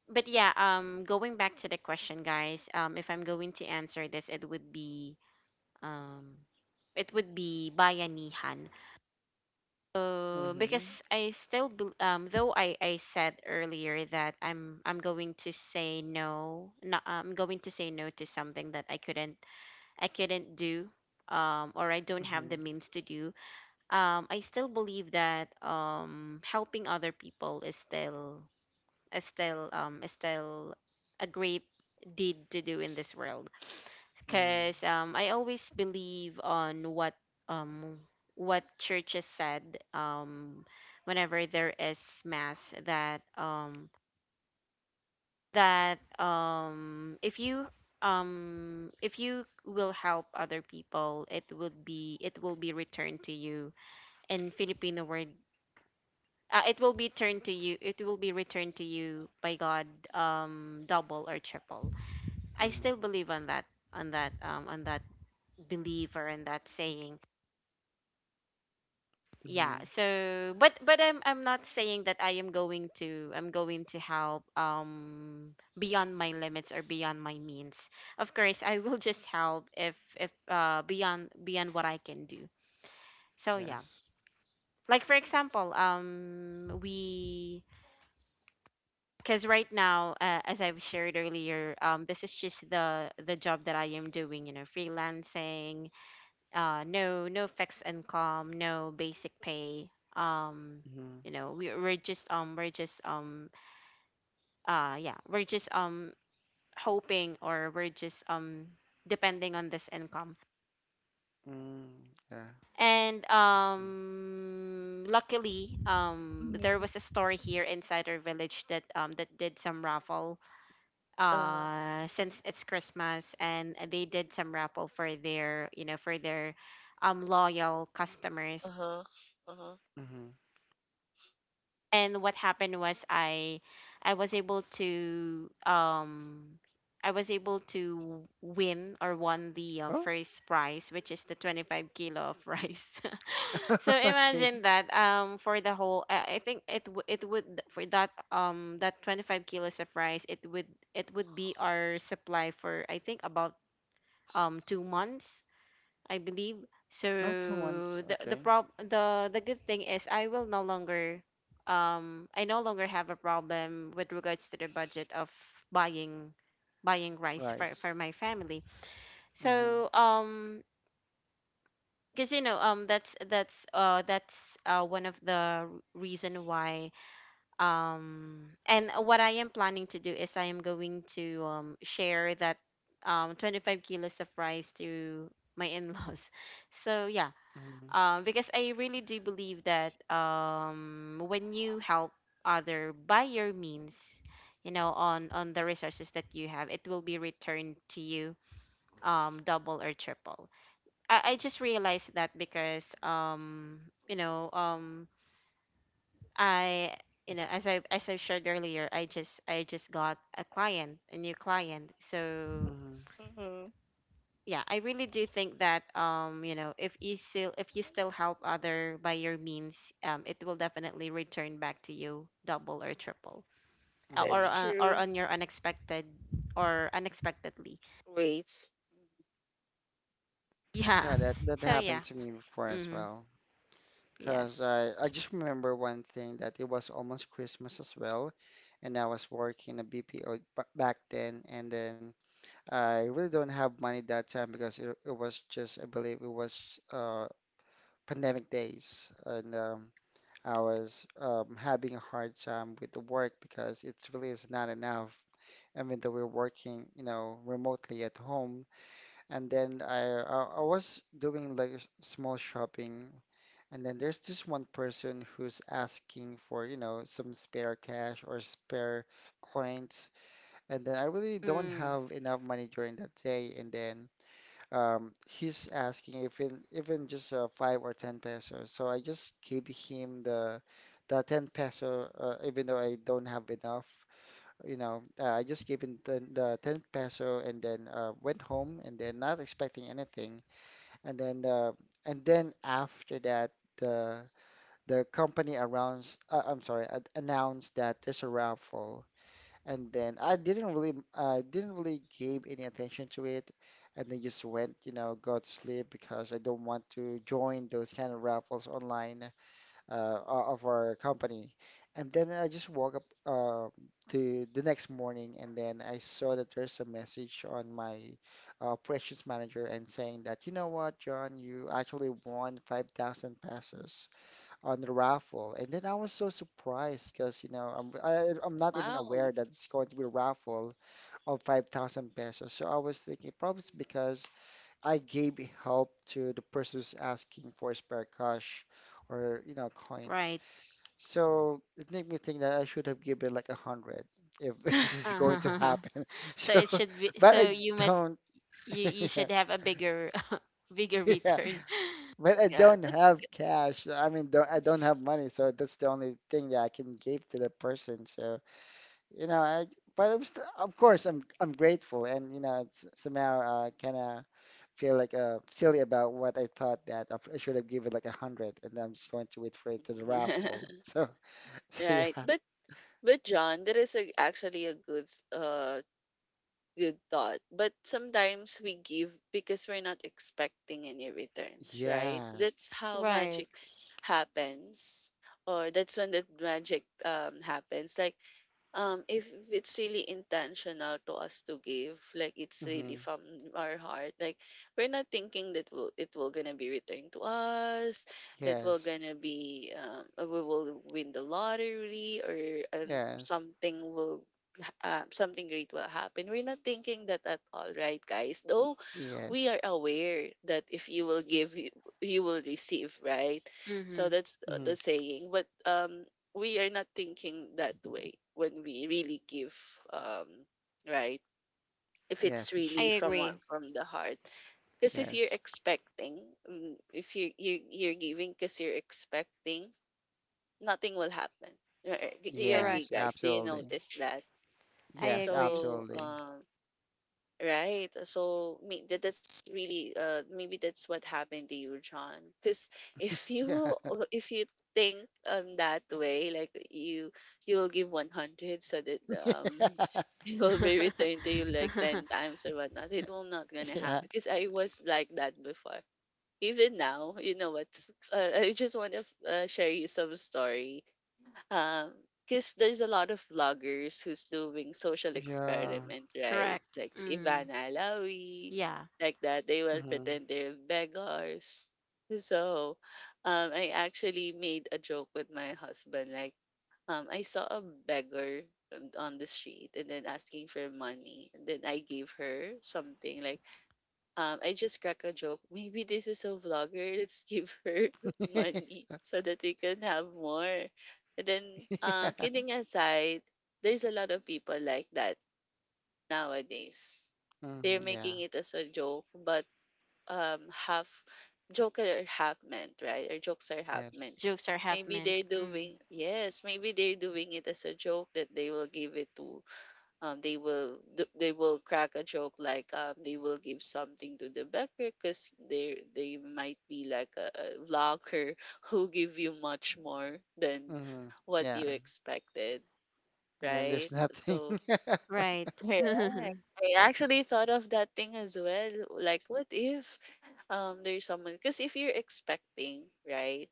But yeah, going back to the question, guys, if I'm going to answer this, it would be um, bayanihan. Hmm. Because I still bel though I said earlier that I'm going to say no, no, I'm going to say no to something that I couldn't do or I don't have the Hmm. means to do. I still believe that helping other people is still a great deed to do in this world Hmm. because, I always believe on um, what churches said, whenever there is mass that, that um, if you if you will help other people, it will be returned to you in Filipino word. It will be turned to you. It will be returned to you by God, double or triple. I Hmm. still believe on that belief or in that saying. yeah Hmm. so but I'm not saying that I'm going to help beyond my limits or beyond my means. Of course I will just help if, beyond what I can do, so yeah. Yes. Like for example, we because right now, as I've shared earlier, this is just the job that I am doing, you know, freelancing, no, no fixed income, no basic pay. um Hmm. you know, we, we're just uh yeah we're just um hoping, or we're just, depending on this income. Mm. Yeah. And, I see. Luckily, there Mm-hmm. was a store here inside our village that, that did some raffle, Uh. Since it's Christmas, and they did some raffle for, their you know, for their, loyal customers. Uh huh. Uh huh. Mm-hmm. And what happened was, I was able to, I was able to win or won the, Oh, first prize, which is the 25 kilo of rice. So okay. imagine that, for the whole I think it it would, for that, 25 kilos of rice, it would, it would be our supply for, I think, about, 2 months, I believe. Oh, two So months. the Okay. prob the good thing is, I will no longer, I no longer have a problem with regards to the budget of buying buying rice for Rice. My family. Mm-hmm. So, because you know, that's, one of the reason why, and what I am planning to do is I am going to, share that, 25 kilos of rice to my in-laws. So yeah, Mm-hmm. Because I really do believe that, when you help other by your means, you know, on the resources that you have, it will be returned to you, double or triple. I just realized that because, you know, I you know, as I shared earlier, I just, got a client, a new client, so Mm-hmm. Mm-hmm. yeah, I really do think that, you know, if you still, help other by your means, it will definitely return back to you double or triple, That's Mm-hmm. Or true. on your unexpected or unexpectedly. Wait. Yeah, Yeah, that that so yeah. happened to me before as Mm-hmm. well. Yes. Cause I just remember one thing that it was almost Christmas as well, and I was working a BPO back then, and then I really don't have money that time because it was just I believe it was pandemic days, and I was having a hard time with the work because it really is not enough. Even though we're working, you know, remotely at home, and then I was doing like small shopping, and then there's this one person who's asking for, you know, some spare cash or spare coins, and then I really don't Mm, have enough money during that day, and then he's asking if in, even just five or ten pesos. So I just gave him the ten peso, even though I don't have enough. You know, I just gave him the ten peso and then went home and then not expecting anything. And then after that, the the company announced, I'm sorry, announced that there's a raffle. And then I didn't really give any attention to it, and then just went, you know, go to sleep because I don't want to join those kind of raffles online of our company. And then I just woke up to the next morning, and then I saw that there's a message on my operations manager and saying that, you know what, John, you actually won 5,000 pesos on the raffle. And then I was so surprised because, you know, I'm not even Wow. aware that it's going to be a raffle of 5,000 pesos. So I was thinking probably it's because I gave help to the person who's asking for spare cash or, you know, coins. right. So it made me think that I should have given like a hundred if this Mhm. is going to Uh-huh. happen. So So, it should be, but so I don't. you, you Yeah, should have a bigger bigger yeah. return. But I yeah, don't but have cash. So, I mean, don't, I don't have money, so that's the only thing that I can give to the person. So, you know, I, but I'm st of course I'm grateful, and you know, it's somehow kind of feel like silly about what I thought that I should have given like a hundred, and I'm just going to wait for it to the raffle. So, so right, yeah, but John, that is a, actually a good uh good thought. But sometimes we give because we're not expecting any returns, right? yeah, That's how Right. magic happens. Or that's when the magic happens. Like if it's really intentional to us to give, like it's really hmm. from our heart. Like we're not thinking that will it will gonna be returned to us, it will Yes, gonna be we will win the lottery, or um, yes, something will something great will happen. We're not thinking that at all, right, guys? Though we yes, are aware that if you will give, you will receive, right? Mm-hmm. So that's hmm. the saying. But we are not thinking that way when we really give, um, right? If it's Yes, it I really should, from agree. From the heart, because if you're yes, expecting, if you you're giving because you're expecting, nothing will happen. Right? Do you agree, Correct. yes, guys? Do you absolutely, notice that? I yes, agree. So, absolutely. Right. So me, that, that's really maybe that's what happened to you, John. Because if you Yeah. will, if you think that way, like you will give 100 so that it will be returned to you like ten times or whatnot. It will not gonna happen, Yeah. because I was like that before. Even now, you know what? I just want to share you some story, because there's a lot of vloggers who's doing social Yeah. experiment, right? Correct. Like Mm. Ivana Alawi, Yeah. like that. They will Hmm. pretend they're beggars. So I actually made a joke with my husband. Like, I saw a beggar on the street and then asking for money. And then I gave her something, like, I just crack a joke. Maybe this is a vlogger. Let's give her money so that we can have more. And then, Yeah. Kidding aside, there's a lot of people like that nowadays. Hmm. They're Yeah. making it as a joke, but half joke are half meant, right? Or jokes are half meant. Yes. Jokes are half Maybe meant. they're Mm. doing, yes. Maybe they're doing it as a joke that they will give it to they will crack a joke, like they will give something to the baker because they might be like a vlogger who give you much more than Hmm. what Yeah. you expected, And then right? there's nothing. So Right. correct. I actually thought of that thing as well, like what if there's someone, because if you're expecting, right,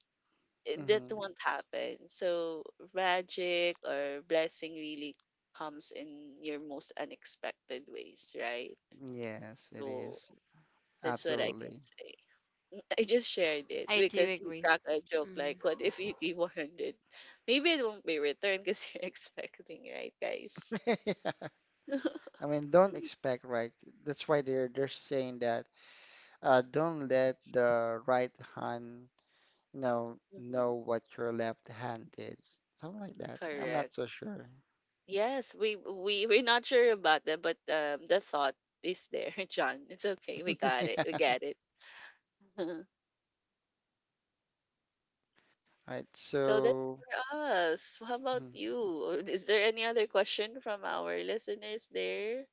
that Hmm. won't happen. So magic or blessing really comes in your most unexpected ways, right? Yes, it So is. that's what I can Absolutely. say. I just shared it I do because you agree. crack a joke Mm. like, what if you give 100? Maybe it won't be returned because you're expecting, right, guys? Yeah. I mean, don't expect, right? That's why they're saying that don't let the right hand, you know hmm. what your left hand did. Something like that. I'm not Correct. so sure. Yes, we we're not sure about that, but the thought is there, John. It's okay. We got it. Yeah. We get it. Right. So that's So. for us. How about Hmm. you? Or is there any other question from our listeners there?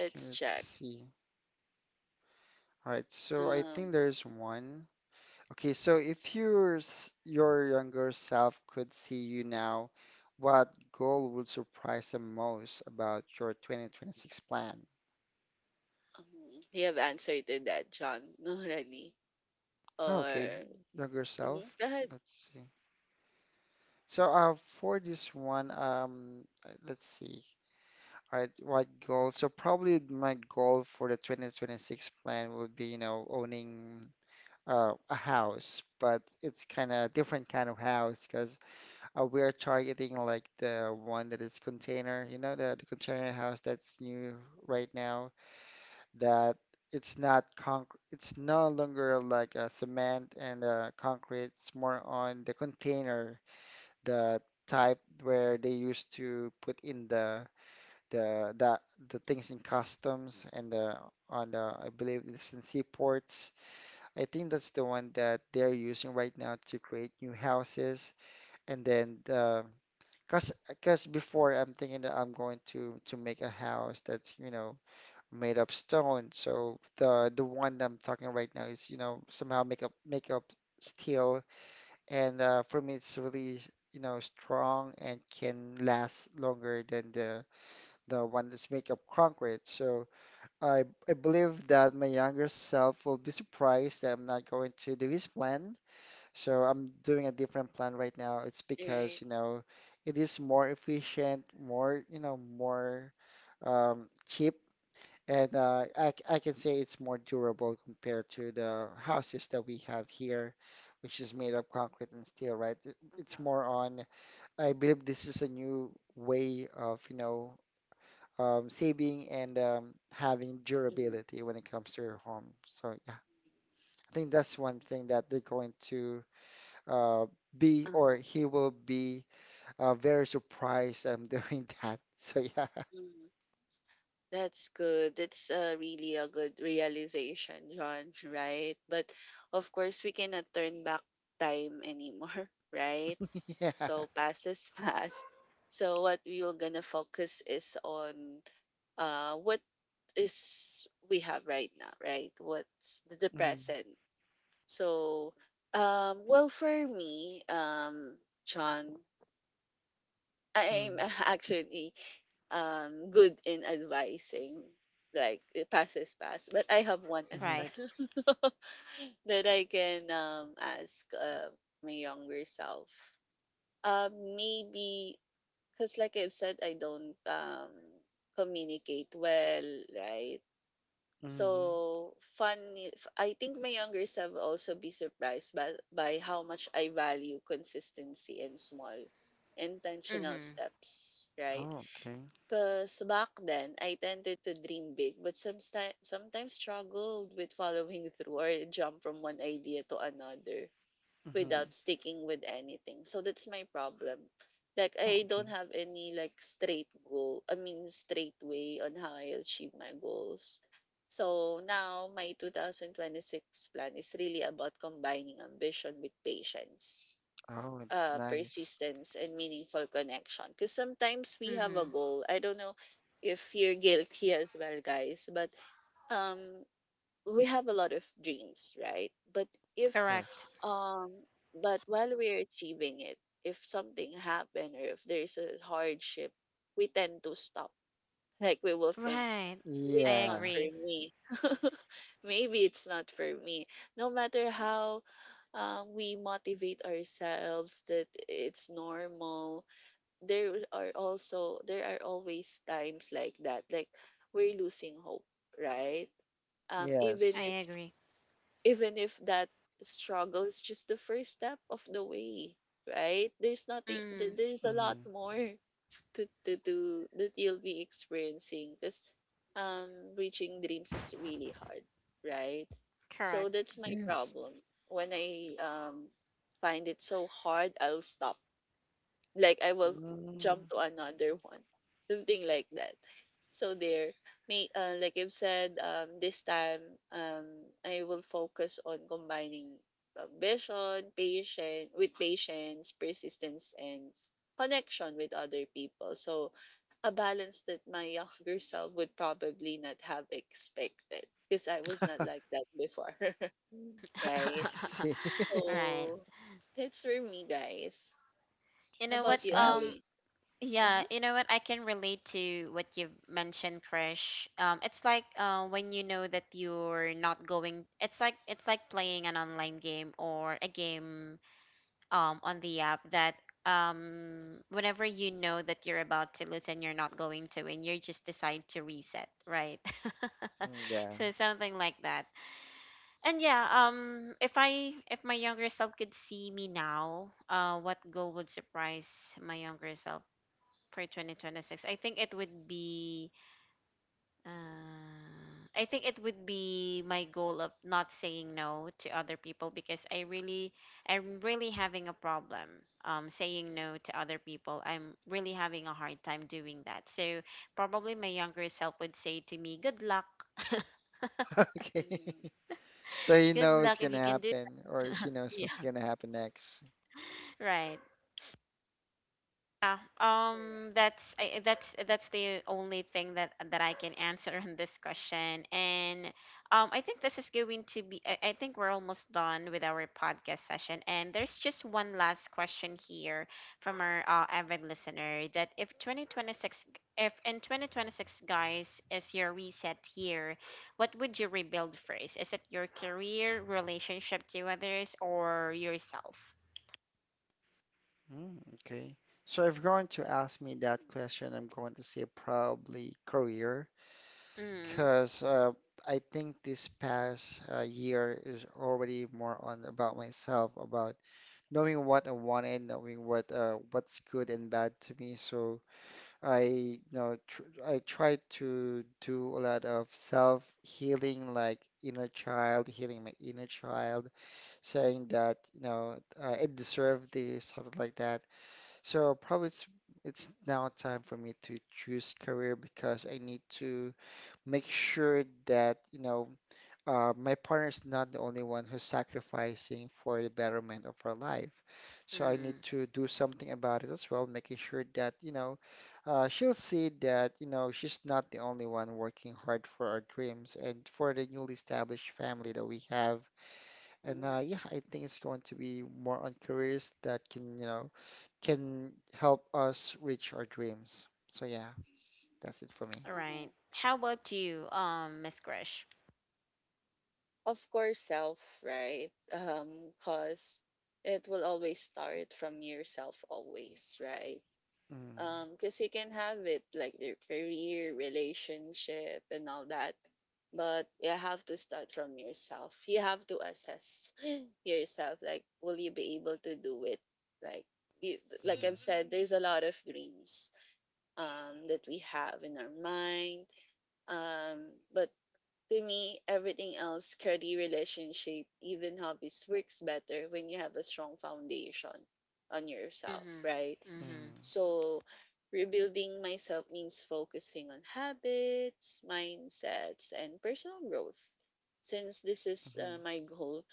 Okay, let's check. see. All right, so I Um, think there's one. Okay, so if your your younger self could see you now, what goal would surprise them most about your 2026 plan? um, you have answered to that, John, already. Oh, okay, Or younger mhm, self. go ahead. Let's see. So for this one, let's see. All right, what goal? So probably my goal for the 2026 plan would be, you know, owning a house, but it's kind of different kind of house because uh, we are targeting like the one that is container, you know, the container house that's new right now. That it's not concrete, it's no longer like a cement and concrete. It's more on the container, the type where they used to put in the the, the things in customs and on the I believe it's in seaports. I think that's the one that they're using right now to create new houses and then the cause, cause before I'm thinking that I'm going to make a house that's, you know, made of stone. So the one that I'm talking right now is, you know, somehow make up steel. And for me, it's really, you know, strong and can last longer than the one that's made of concrete. So I believe that my younger self will be surprised that I'm not going to do his plan. So I'm doing a different plan right now. It's because, Right. you know, it is more efficient, more, you know, more cheap, and Mhm. I can say it's more durable compared to the houses that we have here, which is made of concrete and steel, right? It's Uh-huh. more on, I believe this is a new way of, you know, saving and having Mhm. durability when it comes to your home. So yeah, I think that's one thing that they're going to uh, be or Uh-huh. he will be very surprised I'm doing that. So yeah, Mhm. That's good. That's really a good realization, John, right? But of course, we cannot turn back time anymore, right? yeah. So past is past. So what we are gonna focus is on what is we have right now, right? What's the Mm, present? So um, well, for me, um, John, I'm mm, actually good in advising. Like it passes past, but I have one as well mm, Right. that I can ask from a younger self. Um, maybe because like I've said, I don't communicate well, right? mm. So funny, I think my younger self will also be surprised by, how much I value consistency and small intentional Mhm. steps, right? Oh, okay. Because back then, I tended to dream big, but sometimes struggled with following through or jump from one idea to another Mm-hmm. without sticking with anything. So that's my problem. Like Oh, I okay. don't have any like straight goal. I mean straight way on how I achieve my goals. So now my 2026 plan is really about combining ambition with patience, Oh, that's nice. persistence, and meaningful connection. Because sometimes we have a Mhm. goal. I don't know if you're guilty as well, guys, but um we have a lot of dreams, right? But if Correct. Yes. um but while we're achieving it, if something happened or if there's a hardship, we tend to stop. Like we will think, Right. maybe I it's not Yeah. for agree. me. Maybe it's not for me. No matter how we motivate ourselves that it's normal. There are always times like that, like we're losing hope, right? Um, even Yes. if I agree. even if that struggle is just the first step of the way, right? there's nothing th- Mm. There's a lot Mm-hmm. more to do that you'll be experiencing because um reaching dreams is really hard, right? So Correct. that's my Yes. problem when I find it so hard, I'll stop. Like I will Mm. jump to another one, something like that. So there, may like I've said, this time um, I will focus on combining vision, patient with patience, persistence, and connection with other people. So a balance that my younger self would probably not have expected because I was not I like that before, right? see. Right. So that's for me, guys. You How know what? about That's you, nice. Ali. Mm-hmm. Yeah. You know what? I can relate to what you mentioned, Krish. It's like, when you know that you're not going. It's like, playing an online game or a game, on the app that, whenever you know that you're about to lose and you're not going to win, you just decide to reset, right? Mm, yeah. So something like that. And yeah, if I if my younger self could see me now, what goal would surprise my younger self for 2026? I think it would be, uh, I think it would be my goal of not saying no to other people, because I really, I'm really having a problem, saying no to other people. I'm really having a hard time doing that. So probably my younger self would say to me, "Good luck, Okay. Mm-hmm. So he good knows what's luck if gonna you can do." happen, or she knows what's Yeah. gonna happen next. Right. Yeah, Correct. That's that's the only thing that I can answer on this question. And, I think this is going to be. I think we're almost done with our podcast session, and there's just one last question here from our, avid listener, that if 2026, if in 2026, guys, is your reset year, what would you rebuild first? Is it your career, relationship to others, or yourself? Mm, okay. So if you're going to ask me that question, I'm going to say probably career, Mm, because I think this past year is already more on about myself, about knowing what I wanted, knowing what what's good and bad to me. So I, you know, tr I try to do a lot of self-healing, like inner child, healing my inner child, saying that, you know, I deserve this, something like that. So probably it's now time for me to choose career because I need to make sure that, you know, my partner's not the only one who's sacrificing for the betterment of our life. So I need mm. to do something about it as well, making sure that, you know, she'll see that, you know, she's not the only one working hard for our dreams and for the newly established family that we have. And yeah, I think it's going to be more on careers that can, you know, can help us reach our dreams. So yeah, that's it for me. All right. Mm-hmm. How about you, Miss Grish? Of course, self, right? Cause it will always start from yourself, always, right? Mm, Cause you can have it like your career, relationship, and all that, but you have to start from yourself. You have to assess yourself. Like, will you be able to do it? Like, you, like mhm, I've said, there's a lot of dreams that we have in our mind. Um, but to me, everything else, career, relationship, even hobbies, works better when you have a strong foundation on yourself, Mm-hmm. right? Mm-hmm. mhm, So, rebuilding myself means focusing on habits, mindsets, and personal growth. Since this is mhm, my goal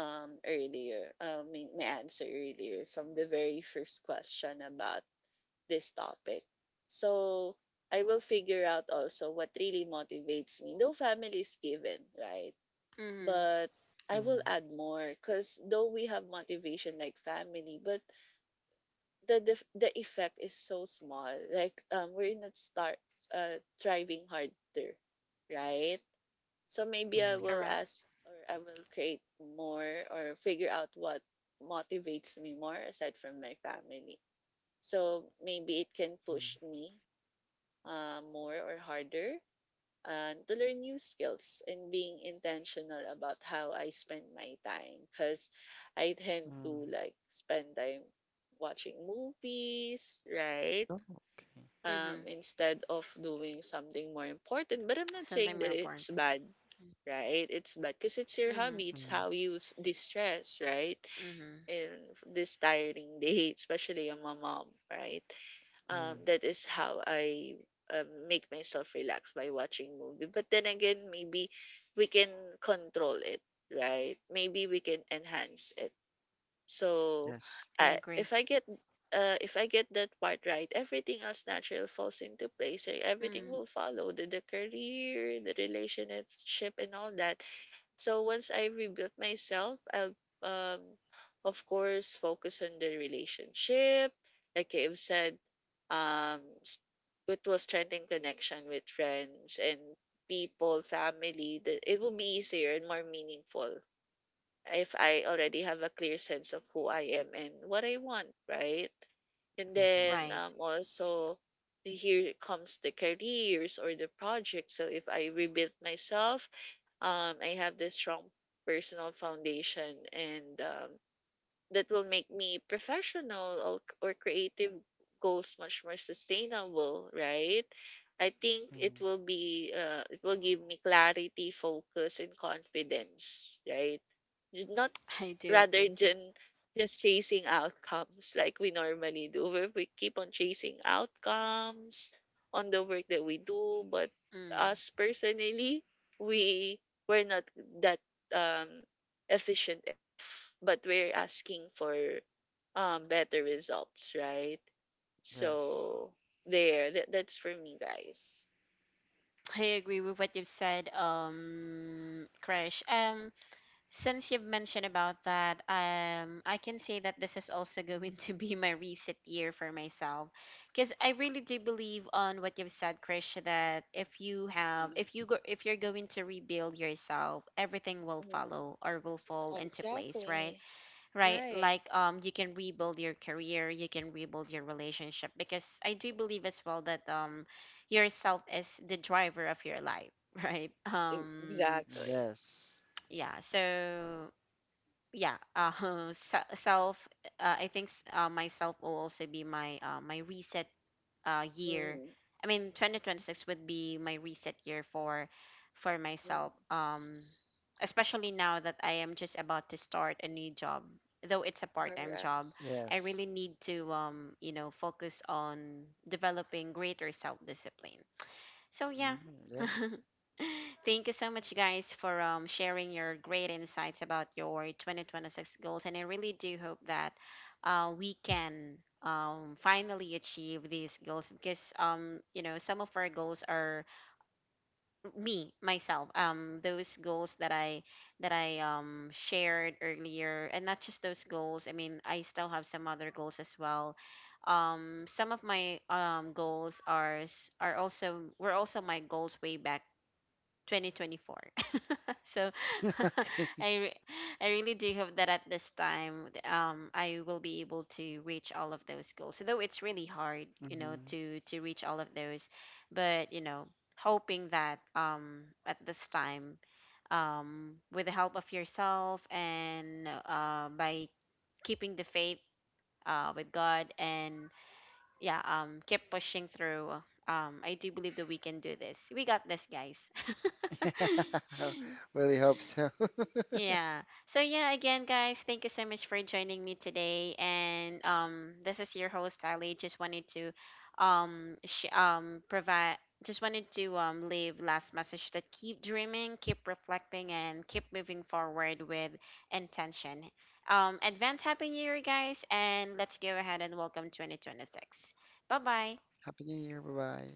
earlier, my answer earlier from the very first question about this topic. So I will figure out also what really motivates me. No family is given, right? Mm-hmm. But I will mhm, add more because though we have motivation like family, but the effect is so small. Like we're not start thriving harder, right? So maybe I mhm, will Correct. ask or I will create more or figure out what motivates me more aside from my family. So maybe it can mhm, push me more or harder to learn new skills and being intentional about how I spend my time because I tend to mhm. like spend time watching movies, right? Oh, okay. Mm-hmm. Instead of doing something more important. But I'm not Something saying that more important. it's bad, right? It's bad because it's your Mm-hmm. hobby. It's Mhm, how you distress, right? Mm-hmm. In this tiring day, especially I'm a mom, right? Um, mhm. that is how I make myself relax by watching movie. But then again, maybe we can control it, right? Maybe we can enhance it. So, Yes. I I agree. If I get that part right, everything else natural falls into place. Eh, everything Mm. will follow the career, the relationship, and all that. So once I rebuilt myself, I'll um of course focus on the relationship. Like I've said, um s- it was strengthening connection with friends and people, family. That it will be easier and more meaningful if I already have a clear sense of who I am and what I want, right? And Mhm, then Right. Also here comes the careers or the project. So if I rebuild myself, I have this strong personal foundation, and that will make me professional or creative goals much more sustainable, right? I think it mhm. will be it will give me clarity, focus, and confidence, right? Not I do rather agree. than just chasing outcomes like we normally do, where we keep on chasing outcomes on the work that we do, but Mm. us personally, we we're not that um efficient enough, but we're asking for better results, right? Yes. So there, that's for me, guys. I agree with what you've said, Krish. Since you've mentioned about that, I can say that this is also going to be my reset year for myself, because I really do believe on what you've said, Krish, that if you have, if you go, if you're going to rebuild yourself, everything will Mm, follow or will fall mm, into place, right? exactly, Right? right. Like, you can rebuild your career, you can rebuild your relationship, because I do believe as well that, yourself is the driver of your life, right? E- exactly. Yes. yeah, so yeah, self, I think, myself will also be my, my reset, year, I mean, 2026 would be my reset year for Mm. myself, especially now that I am just about to start a new job, though it's a part-time Correct. job. I really Yes. need to, you know, focus on developing greater self-discipline, so yeah. Mm, Mm. yes. Thank you so much, guys, for, sharing your great insights about your 2026 goals. And I really do hope that, we can, finally achieve these goals because, you know, some of our goals are me, myself, those goals that I that I, shared earlier, and not just those goals. I mean, I still have some other goals as well. Some of my, goals are, are also, were also my goals way back 2024, so Okay. I re- I really do hope that at this time, I will be able to reach all of those goals. Though it's really hard, you know, Mhm. to reach all of those, but you know, hoping that, at this time, with the help of yourself and, by keeping the faith, with God, and yeah, keep pushing through. I do believe that we can do this. We got this, guys. Really hope so. Yeah. So yeah, again, guys, thank you so much for joining me today. And, this is your host Ali. Just wanted to, provide. Just wanted to, leave last message, that keep dreaming, keep reflecting, and keep moving forward with intention. Advance happy new year, guys, and let's go ahead and welcome 2026. Bye bye. Happy New Year. Bye bye.